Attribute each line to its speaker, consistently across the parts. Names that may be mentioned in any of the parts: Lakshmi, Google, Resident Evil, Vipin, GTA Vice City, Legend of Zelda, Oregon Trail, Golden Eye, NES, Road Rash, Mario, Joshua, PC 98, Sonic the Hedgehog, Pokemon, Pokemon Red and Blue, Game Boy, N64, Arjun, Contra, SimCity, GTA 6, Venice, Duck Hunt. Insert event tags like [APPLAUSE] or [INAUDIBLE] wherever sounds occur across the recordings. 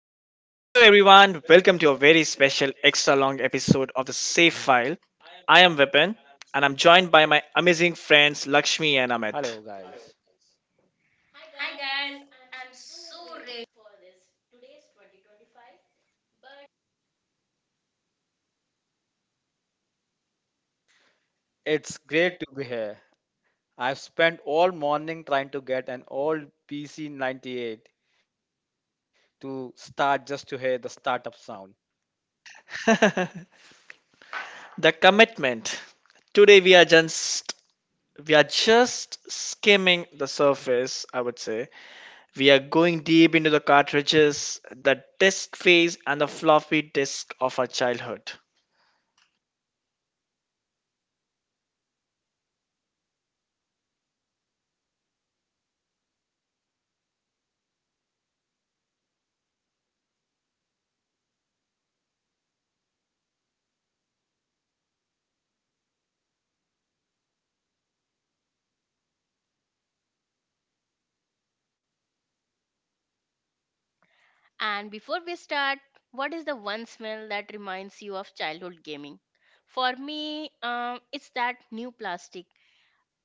Speaker 1: special extra long episode of the Safe File. I am Vipin and I'm joined by my amazing friends Lakshmi and Amit.
Speaker 2: Hello, guys. It's great to be here. I've spent all morning trying to get an old PC 98 to start just to hear the startup sound.
Speaker 1: [LAUGHS] The commitment. Today we are just skimming the surface, I would say. We are going deep into the cartridges, the disk phase and the floppy disk of our childhood.
Speaker 3: And before we start, what is the one smell that reminds you of childhood gaming? For me, it's that new plastic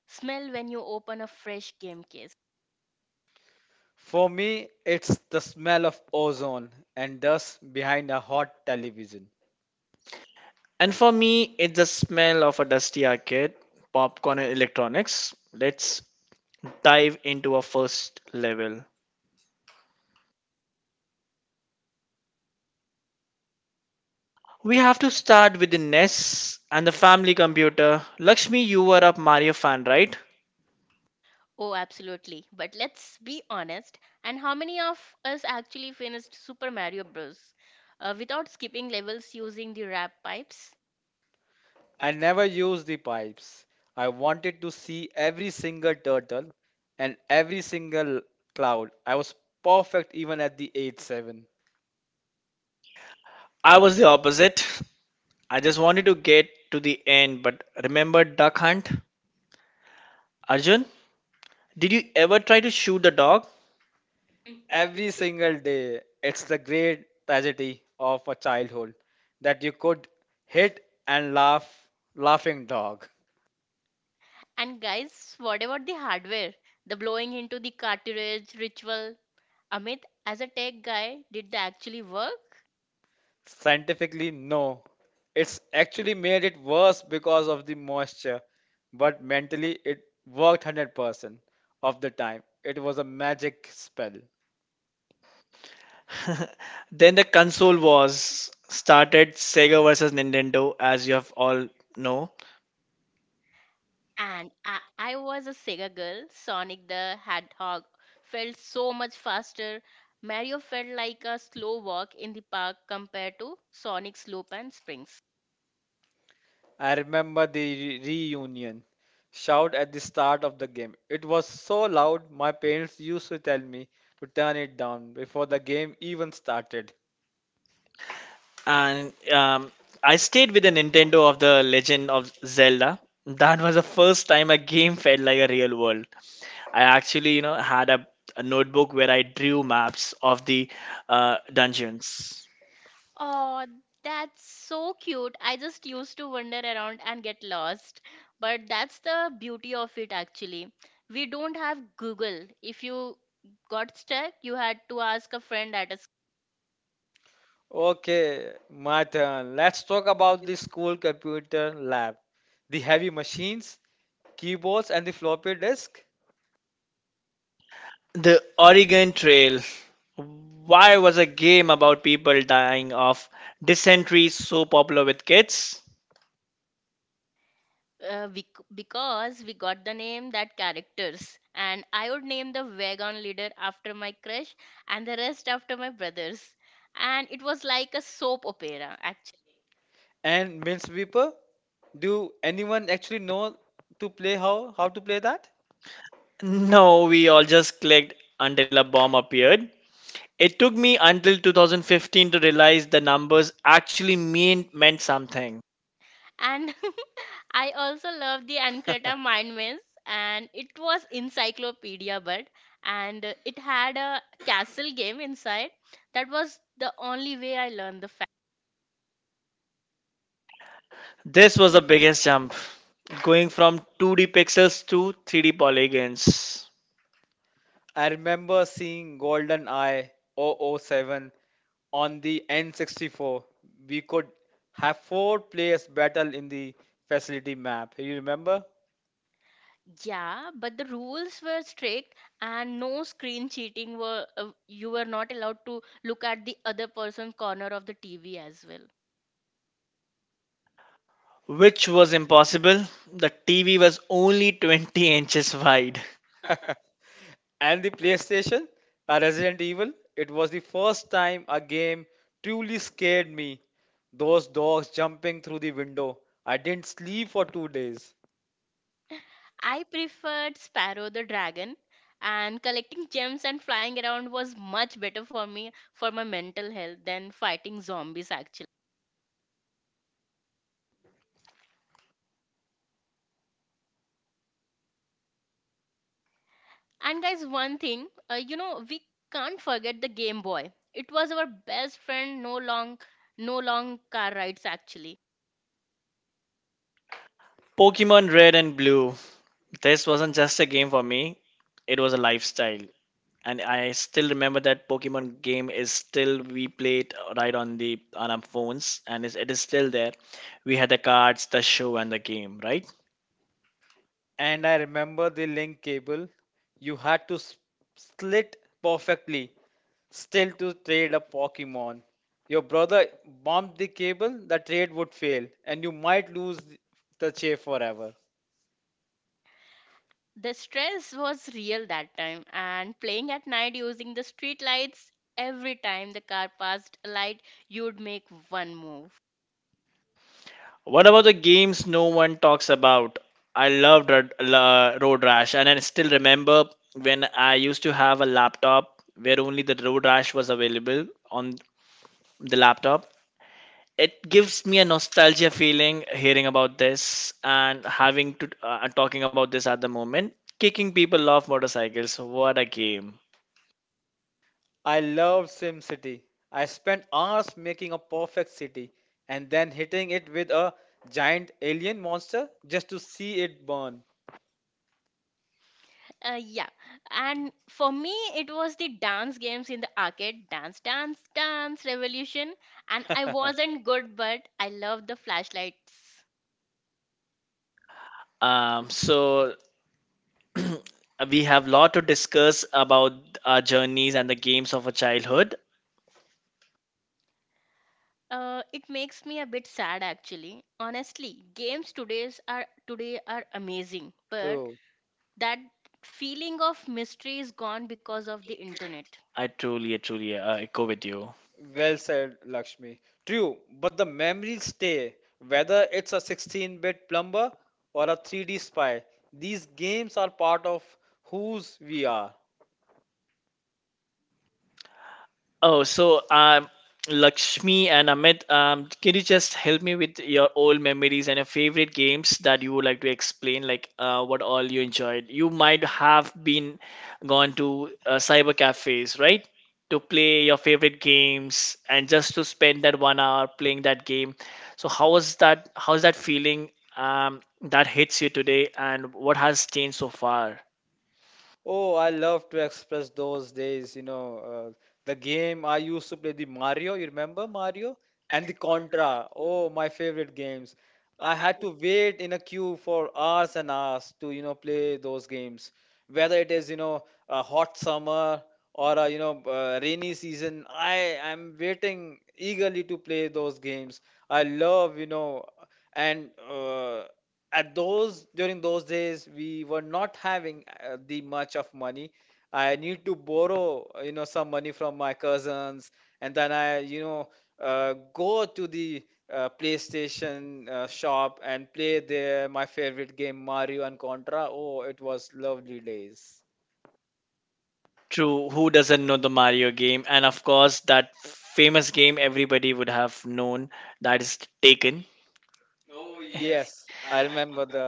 Speaker 3: smell when you open a fresh game case.
Speaker 2: For me, it's the smell of ozone and dust behind a hot television.
Speaker 1: And for me, it's the smell of a dusty arcade, popcorn, and electronics. Let's dive into our first level. We have to start with the NES and the family computer. Lakshmi, you were a Mario fan, right?
Speaker 3: Oh, absolutely. But let's be honest. And how many of us actually finished Super Mario Bros. Without skipping levels using the wrap pipes?
Speaker 2: I never used the pipes. I wanted to see every single turtle and every single cloud. I was perfect even at the age 7.
Speaker 1: I was the opposite. I just wanted to get to the end, but remember Duck Hunt? Arjun, did you ever try to shoot the dog?
Speaker 2: Every single day, it's the great tragedy of a childhood that you could hit and laugh, laughing dog.
Speaker 3: And guys, what about the hardware? The blowing into the cartridge ritual? Amit, as a tech guy, did they actually work?
Speaker 2: Scientifically, no. It's actually made it worse because of the moisture, but mentally, it worked 100% of the time. It was a magic spell.
Speaker 1: [LAUGHS] Then the console wars started, Sega versus Nintendo, as you have all know.
Speaker 3: And I was a Sega girl. Sonic the Hedgehog felt so much faster. Mario felt like a slow walk in the park compared to Sonic's slope and springs.
Speaker 2: I remember the reunion shout at the start of the game. It was so loud, my parents used to tell me to turn it down before the game even started.
Speaker 1: And I stayed with the Nintendo of the Legend of Zelda. That was the first time a game felt like a real world. I actually, you know, had a notebook where I drew maps of the dungeons.
Speaker 3: Oh, that's so cute. I just used to wander around and get lost. But that's the beauty of it, actually. We don't have Google. If you got stuck, you had to ask a friend at a
Speaker 2: Okay, my turn. Let's talk about the school computer lab. The heavy machines, keyboards, and the floppy disk,
Speaker 1: The Oregon Trail. Why was a game about people dying of dysentery so popular with kids?
Speaker 3: because we got the name that characters, and I would name the wagon leader after my crush and the rest after my brothers, and it was like a soap opera, actually.
Speaker 2: and minesweeper. Do anyone actually know to play how to play that?
Speaker 1: No, we all just clicked until a bomb appeared. It took me until 2015 to realize the numbers actually meant something.
Speaker 3: And [LAUGHS] I also love the Ancreta Mind Maze, and it was encyclopedia, but and it had a castle game inside. That was the only way I learned the.
Speaker 1: This was the biggest jump, going from 2D pixels to 3D polygons,
Speaker 2: I remember seeing Golden Eye double oh 007 on the N64, we could have four players battle in the facility map. You remember?
Speaker 3: Yeah, but the rules were strict, and no screen cheating, were you were not allowed to look at the other person's corner of the TV as well.
Speaker 1: which was impossible. The TV was only 20 inches wide.
Speaker 2: And the PlayStation, Resident Evil, it was the first time a game truly scared me. Those dogs jumping through the window. I didn't sleep for 2 days.
Speaker 3: I preferred Sparrow the Dragon, and collecting gems and flying around was much better for me for my mental health than fighting zombies, actually. And guys, one thing, we can't forget the Game Boy. It was our best friend no long car rides, actually.
Speaker 1: Pokemon Red and Blue. This wasn't just a game for me, it was a lifestyle. And I still remember that Pokemon game is still we played right on our phones and it is still there. We had the cards, the show and the game, right?
Speaker 2: And I remember the link cable. You had to slit perfectly, still to trade a Pokemon. Your brother bumped the cable, the trade would fail, and you might lose the chair forever.
Speaker 3: The stress was real that time, and playing at night using the street lights, every time the car passed a light, you'd make one move.
Speaker 1: What about the games no one talks about? I loved Road Rash, and I still remember when I used to have a laptop where only the Road Rash was available on the laptop. It gives me a nostalgia feeling hearing about this and having to talking about this at the moment. Kicking people off motorcycles, what a game.
Speaker 2: I love SimCity. I spent hours making a perfect city and then hitting it with a giant alien monster just to see it burn.
Speaker 3: Yeah, and for me, it was the dance games in the arcade, Dance, Dance, Dance Revolution, and I wasn't
Speaker 2: [LAUGHS]
Speaker 3: good, but I loved the flashlights.
Speaker 1: So [CLEARS THROAT] we have a lot to discuss about our journeys and the games of a childhood.
Speaker 3: It makes me a bit sad, actually. Honestly, games today's are today are amazing, but
Speaker 2: True.
Speaker 3: that feeling of mystery is gone because of the internet.
Speaker 1: I truly echo with you.
Speaker 2: Well said, Lakshmi. True, but the memories stay. Whether it's a 16-bit bit plumber or a 3D spy, these games are part of whose we are.
Speaker 1: Oh, so um, Lakshmi and Amit, can you just help me with your old memories and your favorite games that you would like to explain, like what all you enjoyed? You might have been gone to cyber cafes, right? To play your favorite games and just to spend that one hour playing that game. So how was that? How's that feeling that hits you today, and what has changed so far?
Speaker 2: Oh, I love to express those days, the game I used to play, the Mario, you remember Mario? And the Contra. Oh, my favorite games. I had to wait in a queue for hours and hours to play those games. Whether it is a hot summer or a rainy season, I am waiting eagerly to play those games. I love, and at those during those days we were not having the much of money. I need to borrow some money from my cousins, and then I go to the PlayStation shop and play there my favorite game Mario and Contra. Oh, it was lovely days.
Speaker 1: True, who doesn't know the Mario game? And of course, that famous game everybody would have known, that is Taken.
Speaker 2: Yes, I remember the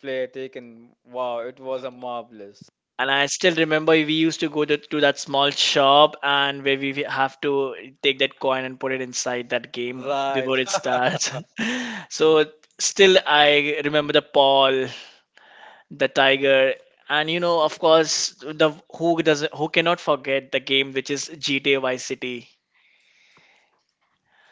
Speaker 2: play taken. Wow, it was a marvelous.
Speaker 1: And I still remember we used to go to that small shop and where we have to take that coin and put it inside that game before
Speaker 2: Right.
Speaker 1: it starts. [LAUGHS] so Still, I remember the Paul, the Tiger, and you know, of course, the who doesn't who cannot forget the game which is GTA Vice City.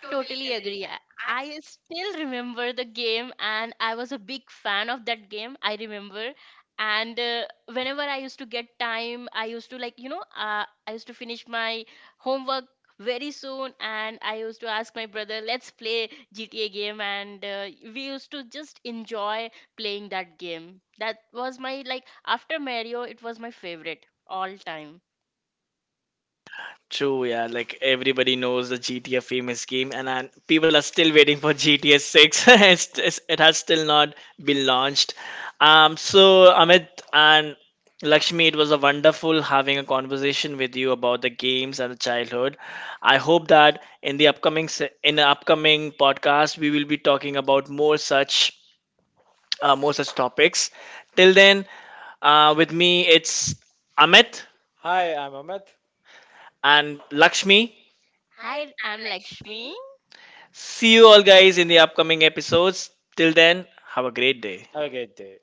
Speaker 3: Totally agree. I still remember the game, and I was a big fan of that game. I remember. And Whenever I used to get time, I used to, I used to finish my homework very soon, and I used to ask my brother, let's play GTA game. And We used to just enjoy playing that game. That was my, like, after Mario, it was my favorite all time.
Speaker 1: True, yeah. Like everybody knows the GTA famous game, and people are still waiting for GTA 6. [LAUGHS] It has still not been launched. So Amit and Lakshmi, it was a wonderful having a conversation with you about the games and the childhood. I hope that in the in the upcoming podcast we will be talking about more such topics. Till then, with me it's Amit
Speaker 2: [LAUGHS] Hi, I'm Amit.
Speaker 1: and Lakshmi.
Speaker 3: Hi, I'm Lakshmi.
Speaker 1: See you all guys in the upcoming episodes. Till then, have a great day.
Speaker 2: Have a great day.